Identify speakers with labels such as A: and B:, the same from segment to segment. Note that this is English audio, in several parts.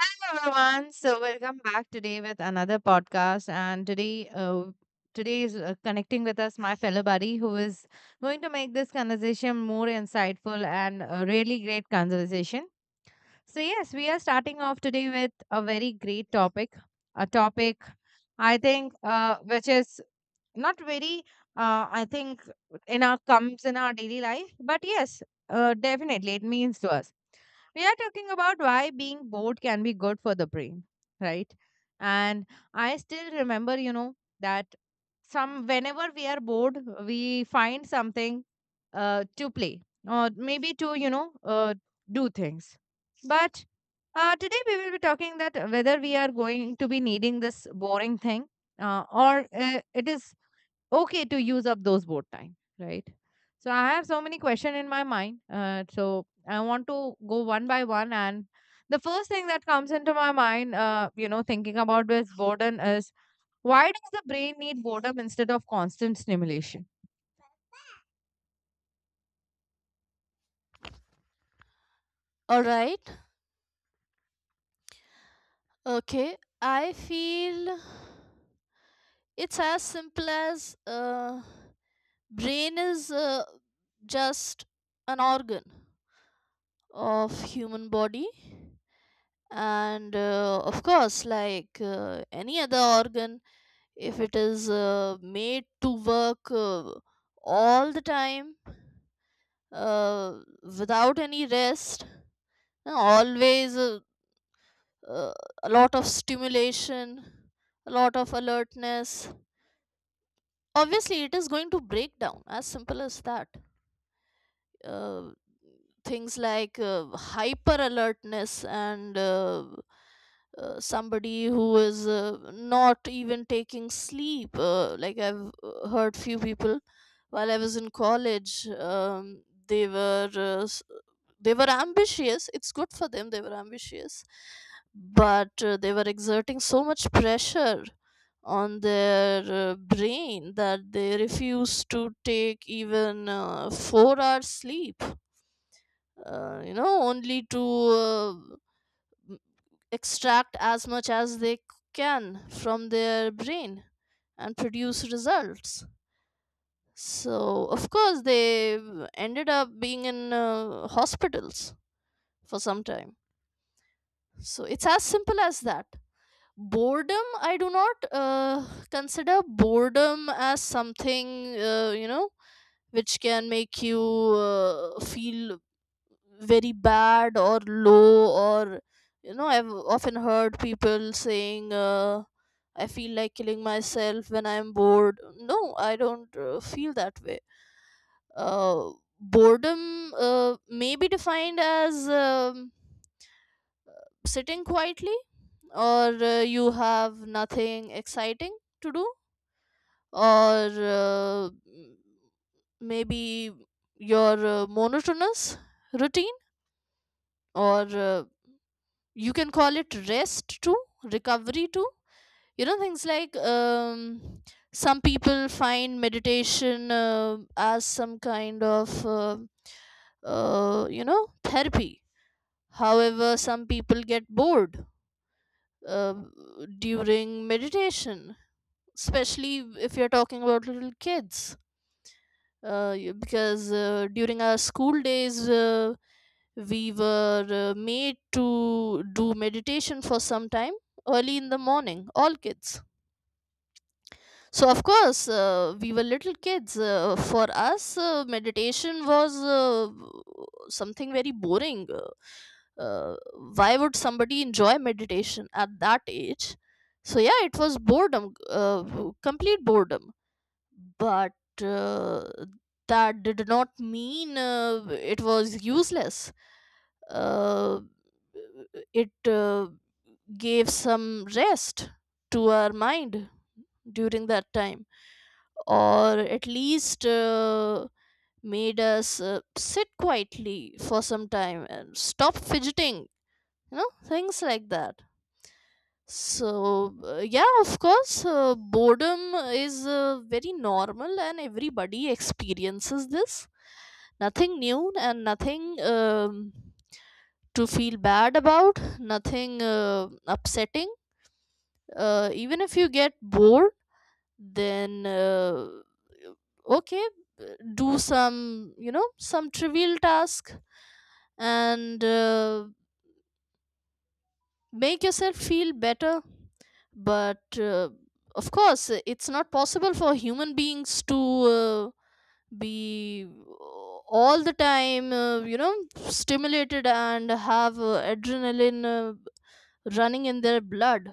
A: Hello everyone. So welcome back today with another podcast. And today, today is connecting with us my fellow buddy who is going to make this conversation more insightful and a really great conversation. So yes, we are starting off today with a very great topic, a topic I think which is not very I think in our daily life, but yes, definitely it means to us. We are talking about why being bored can be good for the brain, right? And I still remember, you know, that some whenever we are bored, we find something to play, or maybe to, you know, do things. But today we will be talking that whether we are going to be needing this boring thing, or it is okay to use up those board time, right? So I have so many question in my mind, so I want to go one by one, and the first thing that comes into my mind, you know, thinking about this boredom is: why does the brain need boredom instead of constant stimulation?
B: All right. Okay. I feel it's as simple as brain is just an organ of human body, and of course, like any other organ, if it is made to work all the time, uh, without any rest, always uh, a lot of stimulation, a lot of alertness, obviously it is going to break down. As simple as that. uh, Things like hyper alertness and somebody who is not even taking sleep, like I've heard few people while I was in college. They were they were ambitious. It's good for them, they were ambitious, but they were exerting so much pressure on their brain that they refuse to take even 4 hours sleep, you know, only to m- extract as much as they can from their brain and produce results. So of course they ended up being in hospitals for some time. So it's as simple as that. Boredom, I do not consider boredom as something, you know, which can make you feel very bad or low. Or, you know, I've often heard people saying, "I feel like killing myself when I'm bored." No, I don't feel that way. uh, Boredom may be defined as, sitting quietly, or you have nothing exciting to do, or maybe your monotonous routine. Or you can call it rest too, recovery too. You know, things like, some people find meditation as some kind of you know, therapy. However, some people get bored uh, during meditation, especially if you're talking about little kids. Because during our school days, we were made to do meditation for some time early in the morning, all kids. So of course, we were little kids, for us, meditation was something very boring. Uh, why would somebody enjoy meditation at that age? So yeah, it was boredom, complete boredom. But uh, that did not mean it was useless. Uh, it gave some rest to our mind during that time, or at least made us sit quietly for some time and stop fidgeting, you know, things like that. So, yeah, of course, boredom is very normal and everybody experiences this. Nothing new, and nothing to feel bad about, nothing upsetting. Even if you get bored, then okay, uh, do some, you know, some trivial task and make yourself feel better. But of course, it's not possible for human beings to uh, be all the time, you know, stimulated and have adrenaline running in their blood.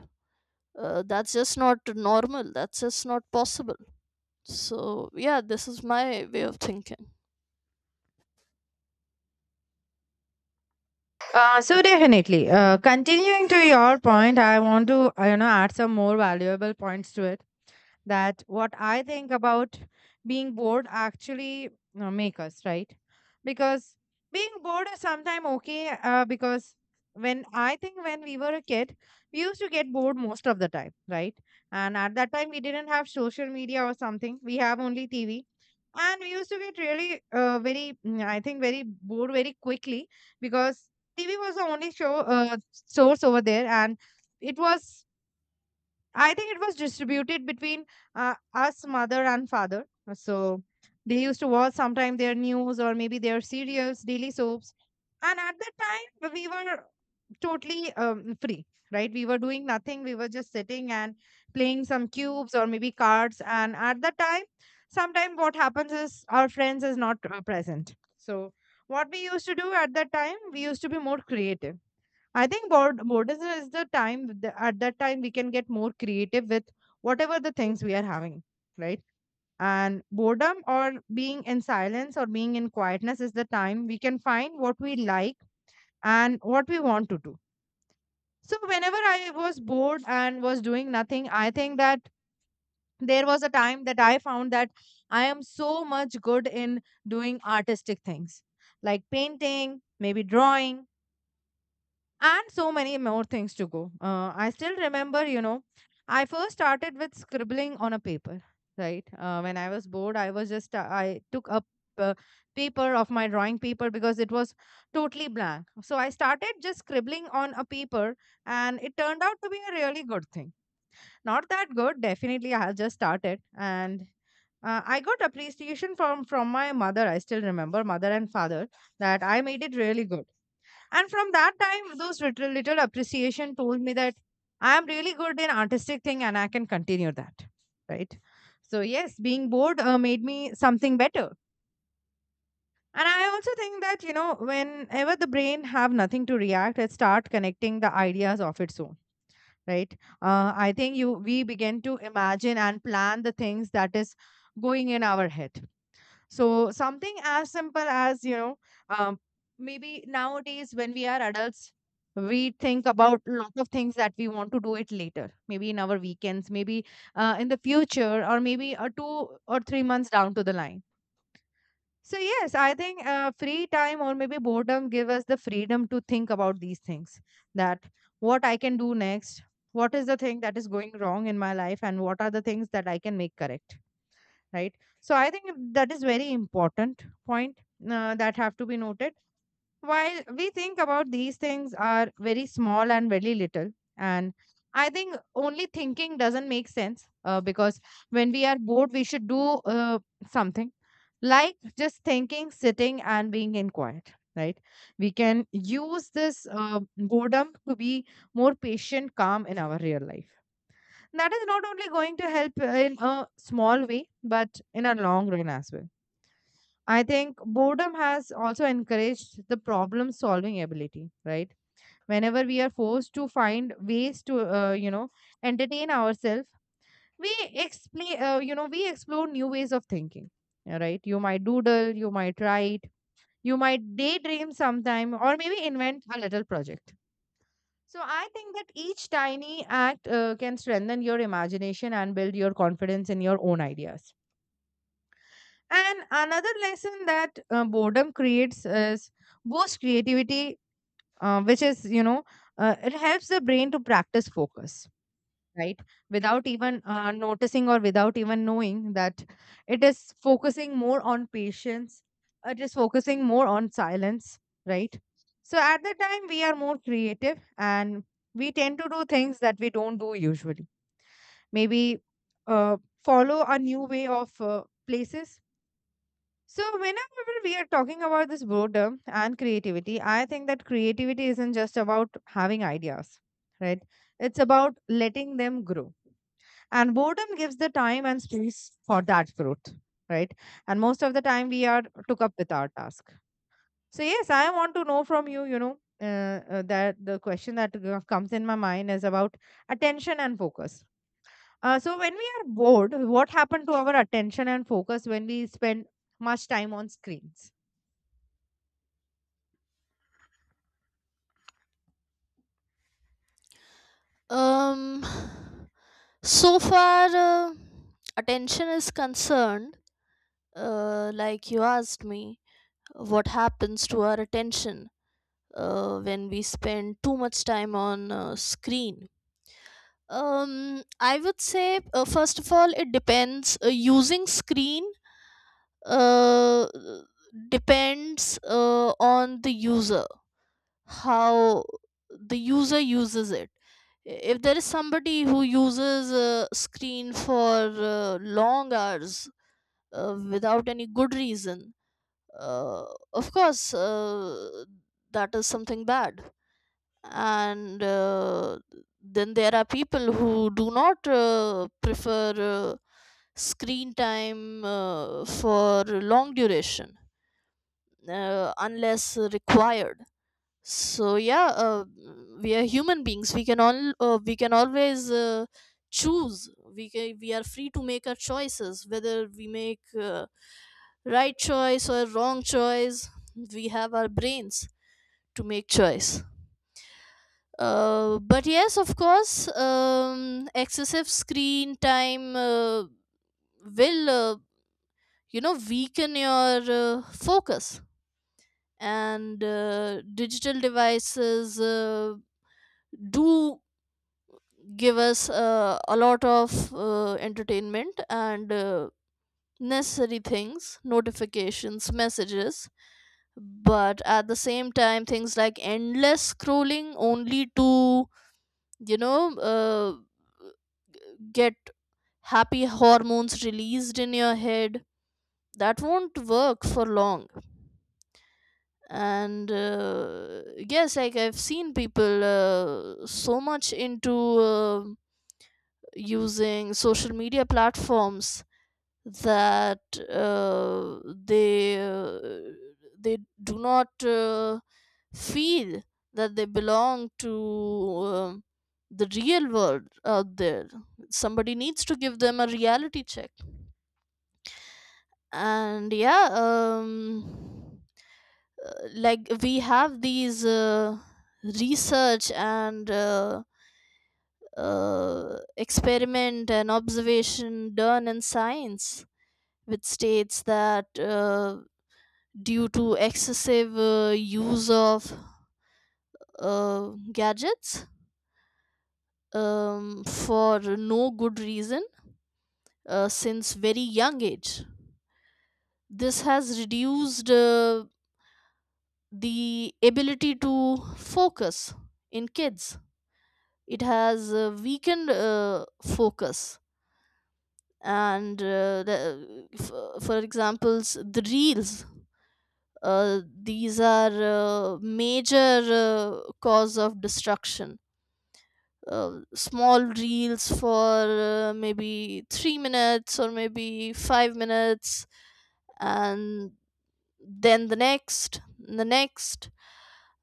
B: That's just not normal, that's just not possible. So yeah, this is my way of thinking.
A: So definitely, continuing to your point, I want to, you know, add some more valuable points to it, that what I think about being bored actually make us right. Because being bored is sometimes okay, because when I think, when we were a kid, we used to get bored most of the time, right? And at that time we didn't have social media or something. We have only TV, and we used to get really, I think very bored very quickly, because TV was the only show source over there. And it was, I think it was distributed between us, mother and father. So they used to watch sometime their news, or maybe their serials, daily soaps. And at that time, we were totally free, right? We were doing nothing. We were just sitting and playing some cubes, or maybe cards. And at that time, sometimes what happens is our friends is not present. So what we used to do at that time, we used to be more creative. I think board boredom is the time, at that time we can get more creative with whatever the things we are having, right? And boredom, or being in silence, or being in quietness, is the time we can find what we like and what we want to do. So whenever I was bored and was doing nothing, I think that there was a time that I found that I am so much good in doing artistic things, like painting, maybe drawing, and so many more things to go. I still remember, you know, I first started with scribbling on a paper, right? When I was bored, I was just, I took up uh, paper of my drawing paper because it was totally blank. So I started just scribbling on a paper, and it turned out to be a really good thing. Not that good, definitely. I had just started, and I got appreciation from my mother. I still remember, mother and father, that I made it really good, and from that time, those little, little appreciation told me that I am really good in artistic thing and I can continue that. Right. So yes, being bored made me something better. And I also think that, you know, whenever the brain have nothing to react, it start connecting the ideas of its own. Right. I think you we begin to imagine and plan the things that is going in our head. So something as simple as, you know, um, maybe nowadays when we are adults, we think about a lot of things that we want to do it later, maybe in our weekends, maybe in the future, or maybe two or three months down to the line. So yes, I think free time or maybe boredom give us the freedom to think about these things, that what I can do next, what is the thing that is going wrong in my life, and what are the things that I can make correct, right? So I think that is very important point, that have to be noted, while we think about these things are very small and very little. And I think only thinking doesn't make sense, because when we are bored, we should do uh, something, like just thinking, sitting and being in quiet, right? We can use this boredom to be more patient, calm in our real life. That is not only going to help in a small way, but in a long run as well. I think boredom has also encouraged the problem solving ability, right? Whenever we are forced to find ways to, you know, entertain ourselves, we explain you know we explore new ways of thinking, yeah. Right, you might doodle, you might write, you might daydream sometime, or maybe invent a little project. So I think that each tiny act can strengthen your imagination and build your confidence in your own ideas. And another lesson that boredom creates is boost creativity, which is, you know, it helps the brain to practice focus, right? Without even noticing, or without even knowing that, it is focusing more on patience, it is focusing more on silence, right? So at the time we are more creative, and we tend to do things that we don't do usually. Maybe uh, follow a new way of places. So whenever we are talking about this boredom and creativity, I think that creativity isn't just about having ideas, right? It's about letting them grow, and boredom gives the time and space for that growth, right? And most of the time we are took up with our task. So yes, I want to know from you, you know, that the question that comes in my mind is about attention and focus. Uh, so when we are bored, what happened to our attention and focus when we spend much time on screens?
B: um so far attention is concerned, like you asked me, what happens to our attention when we spend too much time on screen. I would say, first of all, it depends. Using screen uh, depends on the user, how the user uses it. If there is somebody who uses a screen for long hours without any good reason, uh, of course, that is something bad. And then there are people who do not prefer uh, screen time for long duration, unless required. So yeah, we are human beings, we can all we can always choose. We can, we are free to make our choices, whether we make right choice or wrong choice. We have our brains to make choice. But yes, of course, excessive screen time will you know, weaken your focus. And digital devices do give us a lot of entertainment and necessary things, notifications, messages. But at the same time, things like endless scrolling only to, you know, get happy hormones released in your head, that won't work for long. And yes, like I've seen people so much into using social media platforms that uh, they uh, they do not feel that they belong to the real world out there. Somebody needs to give them a reality check. And yeah, like we have these research and experiment and observation done in science, which states that due to excessive use of uh, gadgets for no good reason, since very young age, this has reduced the ability to focus in kids. It has weakened focus. And for examples, the reels, these are major cause of destruction. Small reels for maybe 3 minutes or maybe 5 minutes, and then the next,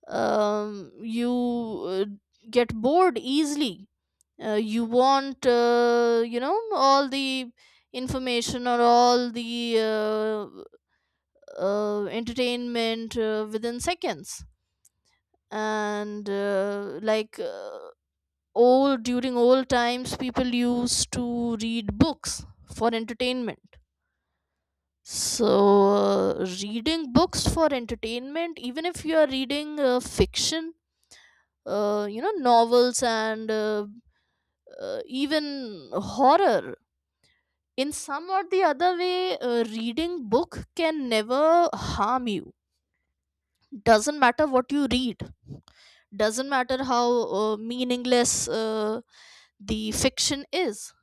B: you get bored easily. You want, you know, all the information or all the entertainment within seconds. And like, old during old times, people used to read books for entertainment. So reading books for entertainment, even if you are reading fiction, you know, novels and even horror, in some or the other way, reading book can never harm you. Doesn't matter what you read, doesn't matter how meaningless the fiction is.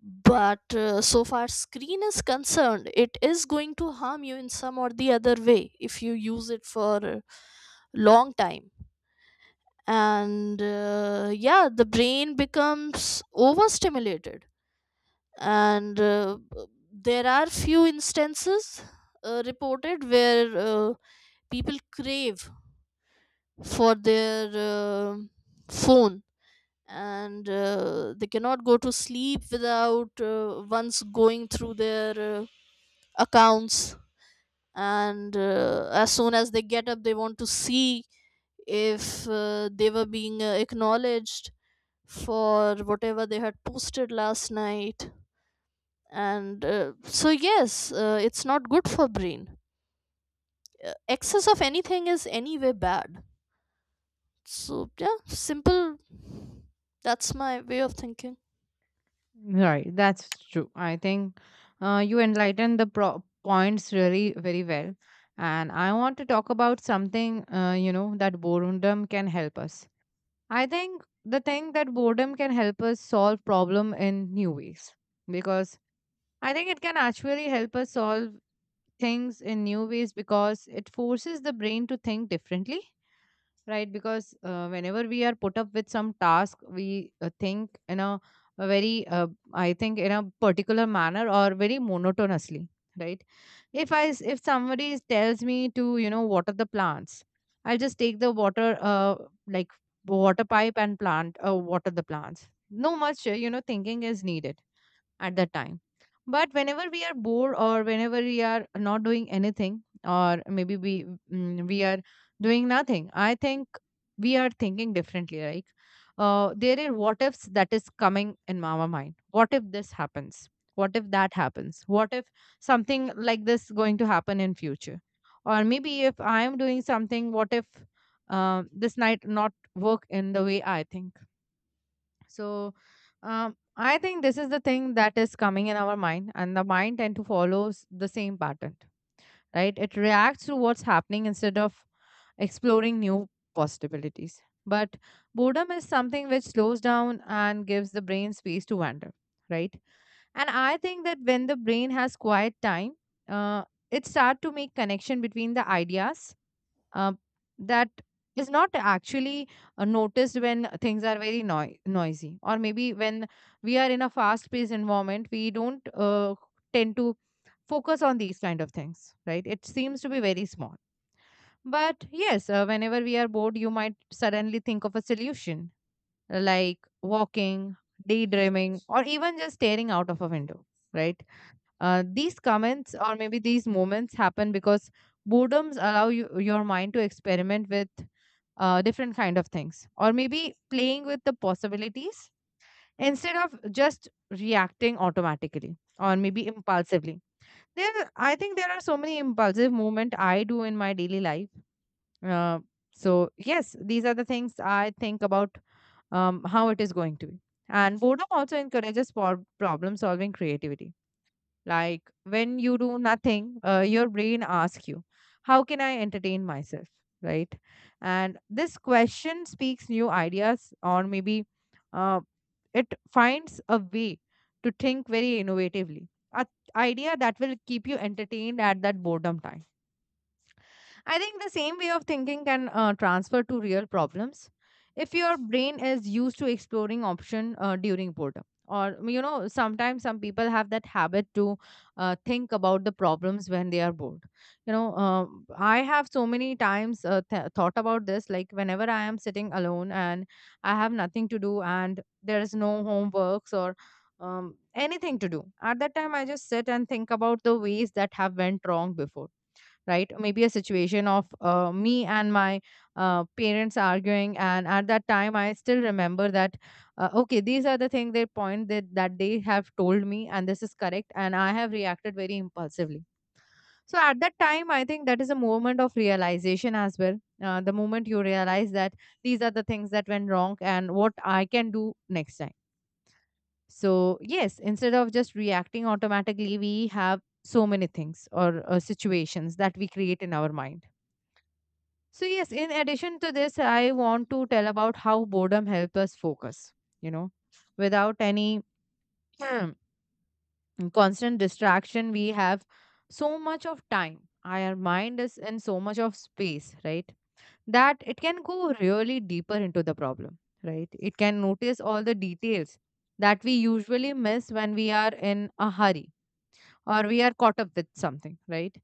B: But so far screen is concerned, it is going to harm you in some or the other way if you use it for a long time. And yeah, the brain becomes overstimulated. And there are few instances reported where people crave for their phone, and they cannot go to sleep without once going through their accounts. And as soon as they get up, they want to see if they were being acknowledged for whatever they had posted last night. And so yes, it's not good for brain. Excess of anything is anyway bad. So yeah, simple. That's my way of thinking.
A: Right, that's true. I think you enlightened the points really very well. And I want to talk about something, you know, that boredom can help us. I think the thing that boredom can help us solve problem in new ways, because I think it can actually help us solve things in new ways because it forces the brain to think differently, right? Because whenever we are put up with some task, we think in a very I think in a particular manner, or very monotonously, right? If somebody tells me to, you know, water the plants, I'll just take the water, like, water pipe and plant, water the plants. No much, you know, thinking is needed at that time. But whenever we are bored, or whenever we are not doing anything, or maybe we we are doing nothing, I think we are thinking differently. Like there are what ifs that is coming in our mind. What if this happens? What if that happens? What if something like this going to happen in future? Or maybe if I am doing something, what if this night not work in the way I think? So I think this is the thing that is coming in our mind, and the mind tend to follows the same pattern, right? It reacts to what's happening instead of exploring new possibilities. But boredom is something which slows down and gives the brain space to wander, right? And I think that when the brain has quiet time, uh, it start to make connection between the ideas uh, that is not actually noticed when things are very noisy, or maybe when we are in a fast paced environment, we don't tend to focus on these kind of things, right? It seems to be very small, but yes, whenever we are bored, you might suddenly think of a solution, like walking, daydreaming, or even just staring out of a window, right? Uh, these comments, or maybe these moments happen because boredoms allow you, your mind to experiment with different kind of things, or maybe playing with the possibilities, instead of just reacting automatically, or maybe impulsively. There, I think there are so many impulsive movement I do in my daily life. Uh, so yes, these are the things I think about, how it is going to be. And boredom also encourages problem solving creativity. Like when you do nothing, your brain asks you, how can I entertain myself? Right. And this question speaks new ideas, or maybe uh, it finds a way to think very innovatively, a idea that will keep you entertained at that boredom time. I think the same way of thinking can transfer to real problems. If your brain is used to exploring option during boredom, or you know, sometimes some people have that habit to think about the problems when they are bored. I have so many times thought about this. Like whenever I am sitting alone and I have nothing to do, and there is no homeworks or anything to do, at that time I just sit and think about the ways that have went wrong before, right? Maybe a situation of me and my parents arguing, and at that time I still remember that, okay, these are the thing they point that they have told me and this is correct and I have reacted very impulsively. So at that time I think that is a moment of realization as well. Uh, the moment you realize that these are the things that went wrong and what I can do next time. So yes, instead of just reacting automatically, we have so many things or situations that we create in our mind. So yes, in addition to this, I want to tell about how boredom helps us focus. You know, without any constant distraction, we have so much of time. Our mind is in so much of space, right? That it can go really deeper into the problem, right? It can notice all the details that we usually miss when we are in a hurry or we are caught up with something, right?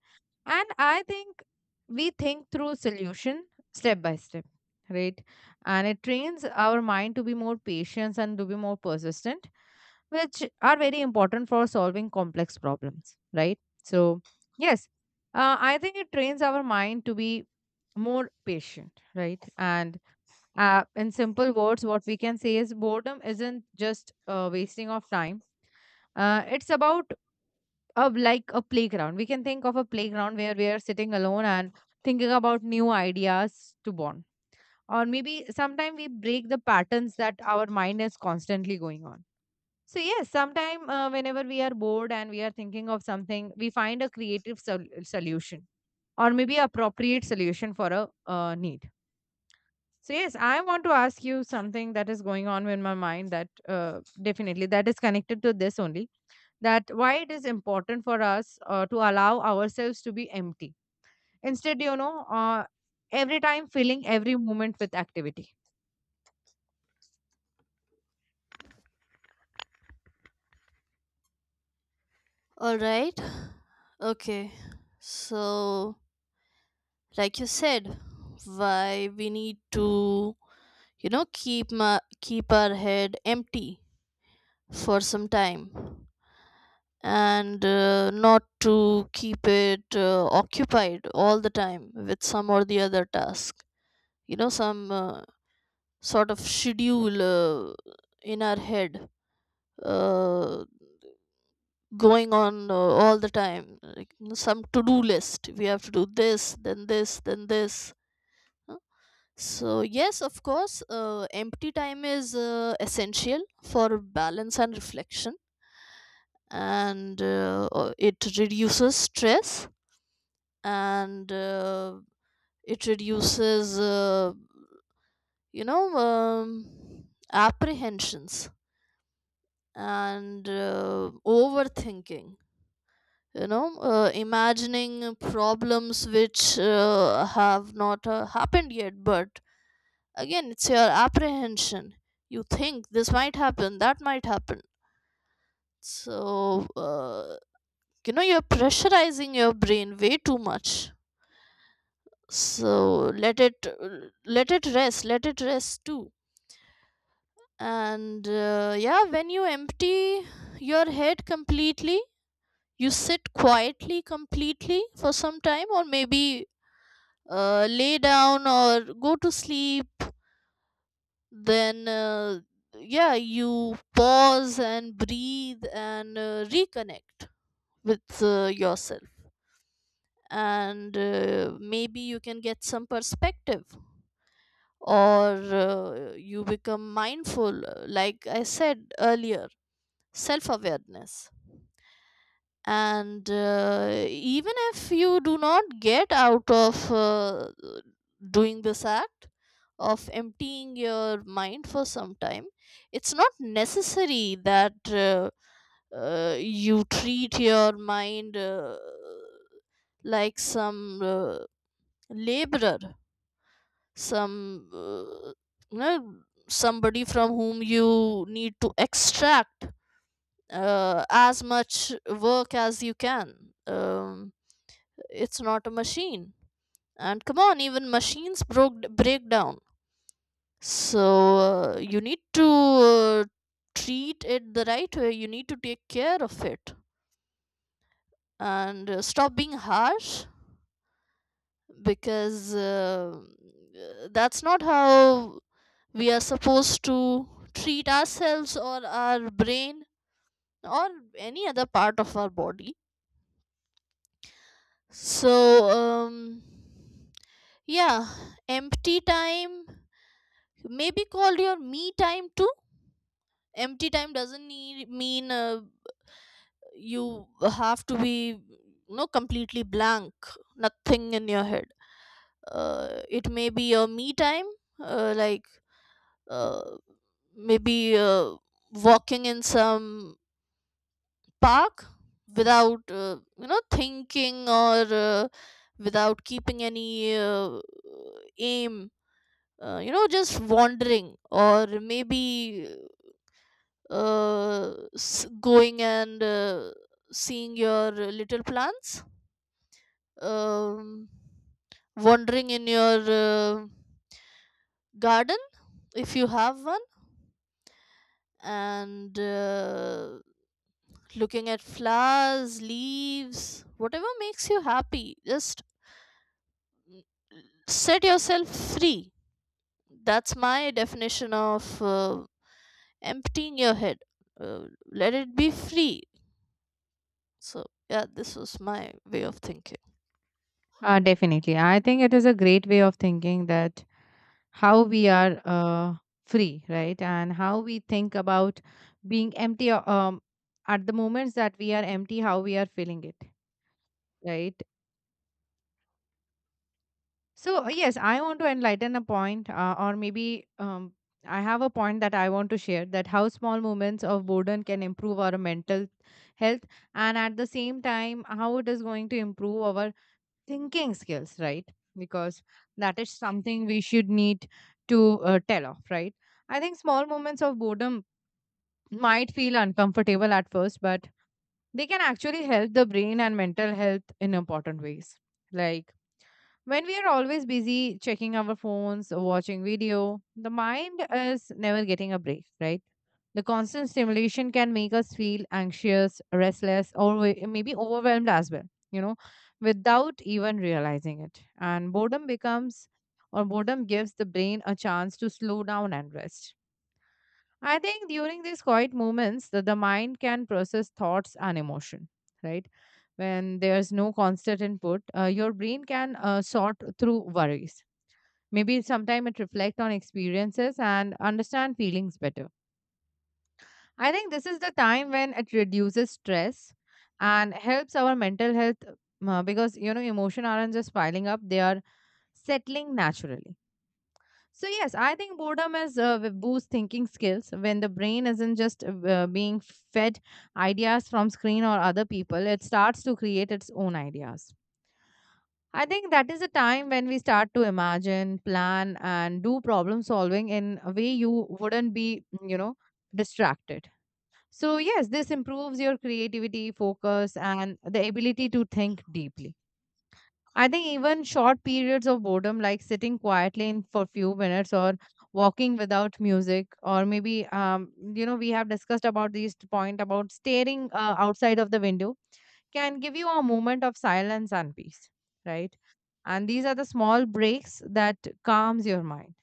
A: And I think we think through solution step by step, right? And it trains our mind to be more patient and to be more persistent, which are very important for solving complex problems, right? So, yes, I think it trains our mind to be more patient, right? And in simple words, what we can say is boredom isn't just wasting of time. It's about of like a playground. We can think of a playground where we are sitting alone and thinking about new ideas to bond. Or maybe sometime we break the patterns that our mind is constantly going on. So yes, sometime whenever we are bored and we are thinking of something, we find a creative solution or maybe appropriate solution for a need. So yes, I want to ask you something that is going on in my mind that definitely that is connected to this only, that why it is important for us to allow ourselves to be empty, instead you know, every time filling every moment with activity.
B: All right. Okay. So like you said, why we need to, you know, keep our head empty for some time, and not to keep it occupied all the time with some or the other task. You know, some sort of schedule in our head uh, going on all the time, like, you know, some to-do list. We have to do this, then this, then this, huh? So yes, of course, empty time is essential for balance and reflection. And it reduces stress. And it reduces, you know, apprehensions and overthinking. You know, imagining problems which have not happened yet. But again, it's your apprehension. You think this might happen, that might happen. So you know, you're pressurizing your brain way too much. So let it, let it rest too. And yeah, when you empty your head completely, you sit quietly completely for some time, or maybe lay down or go to sleep. Then yeah, you pause and breathe and reconnect with yourself. And maybe you can get some perspective, or you become mindful, like I said earlier, self awareness. And even if you do not get out of doing this act of emptying your mind for some time, it's not necessary that you treat your mind like some laborer, some, you know, somebody from whom you need to extract as much work as you can. um, It's not a machine. And come on, even machines broke break down. So you need to treat it the right way. You need to take care of it, and stop being harsh, because that's not how we are supposed to treat ourselves, or our brain, or any other part of our body. So yeah, empty time, maybe call your me time too. Empty time doesn't mean you have to be, no, completely blank, nothing in your head. It may be your me time, like, uh, maybe walking in some park without, you know, thinking, or without keeping any aim, you know, just wandering, or maybe going and seeing your little plants, um, wandering in your garden, if you have one, and looking at flowers, leaves, whatever makes you happy. Just mm, set yourself free. That's my definition of emptying your head. Let it be free. So yeah, this was my way of thinking.
A: Definitely. I think it is a great way of thinking that how we are free, right? And how we think about being empty at the moments that we are empty, how we are feeling it, right? So, yes, I want to enlighten a point, or maybe I have a point that I want to share, that how small moments of boredom can improve our mental health, and at the same time, how it is going to improve our thinking skills, right? Because that is something we should need to tell off, right? I think small moments of boredom might feel uncomfortable at first, but they can actually help the brain and mental health in important ways. Like, when we are always busy checking our phones, or watching video, the mind is never getting a break, right? The constant stimulation can make us feel anxious, restless, or maybe overwhelmed as well, you know, without even realizing it. And boredom becomes, or boredom gives the brain a chance to slow down and rest. I think during these quiet moments, the mind can process thoughts and emotion, right? When there's no constant input, your brain can sort through worries. Maybe sometime it reflect on experiences and understand feelings better. I think this is the time when it reduces stress and helps our mental health because you know emotion aren't just piling up; they are settling naturally. So yes, I think boredom is boost thinking skills when the brain isn't just being fed ideas from screen or other people. It starts to create its own ideas. I think that is a time when we start to imagine, plan, and do problem solving in a way you wouldn't be, you know, distracted. So yes, this improves your creativity, focus, and the ability to think deeply. I think even short periods of boredom, like sitting quietly in for few minutes or walking without music, or maybe, you know, we have discussed about this point about staring outside of the window, can give you a moment of silence and peace, right? And these are the small breaks that calms your mind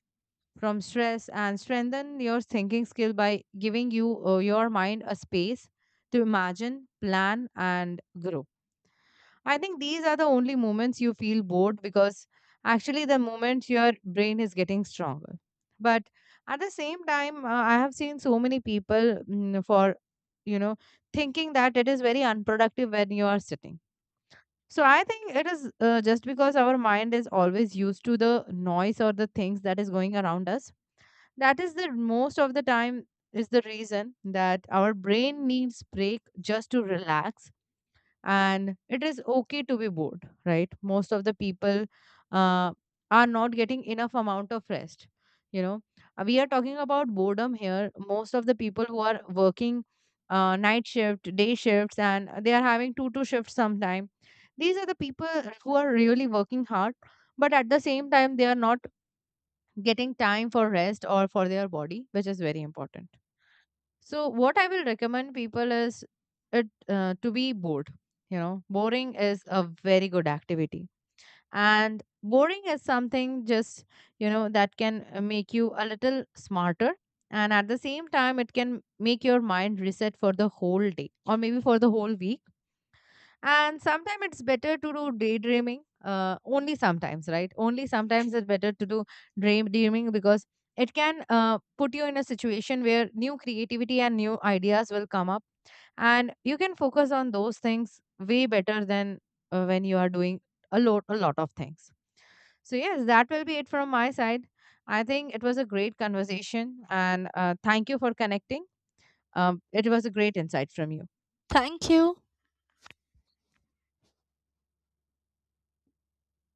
A: from stress and strengthen your thinking skill by giving you your mind a space to imagine, plan, and grow. I think these are the only moments you feel bored because actually the moment your brain is getting stronger. But at the same time, I have seen so many people for, you know, thinking that it is very unproductive when you are sitting. So I think it is just because our mind is always used to the noise or the things that is going around us. That is the most of the time is the reason that our brain needs break just to relax, and it is okay to be bored, right? Most of the people uh, are not getting enough amount of rest, you know. We are talking about boredom here. Most of the people who are working night shift, day shifts, and they are having two shifts sometime, these are the people who are really working hard, but at the same time they are not getting time for rest or for their body, which is very important. So what I will recommend people is it to be bored. You know, boring is a very good activity, and boring is something just you know that can make you a little smarter, and at the same time, it can make your mind reset for the whole day or maybe for the whole week. And sometimes it's better to do daydreaming, only sometimes, right? Only sometimes it's better to do daydreaming, because it can put you in a situation where new creativity and new ideas will come up and you can focus on those things way better than when you are doing a lot of things. So yes, that will be it from my side. I think it was a great conversation and thank you for connecting. Um, it was a great insight from you.
B: Thank you.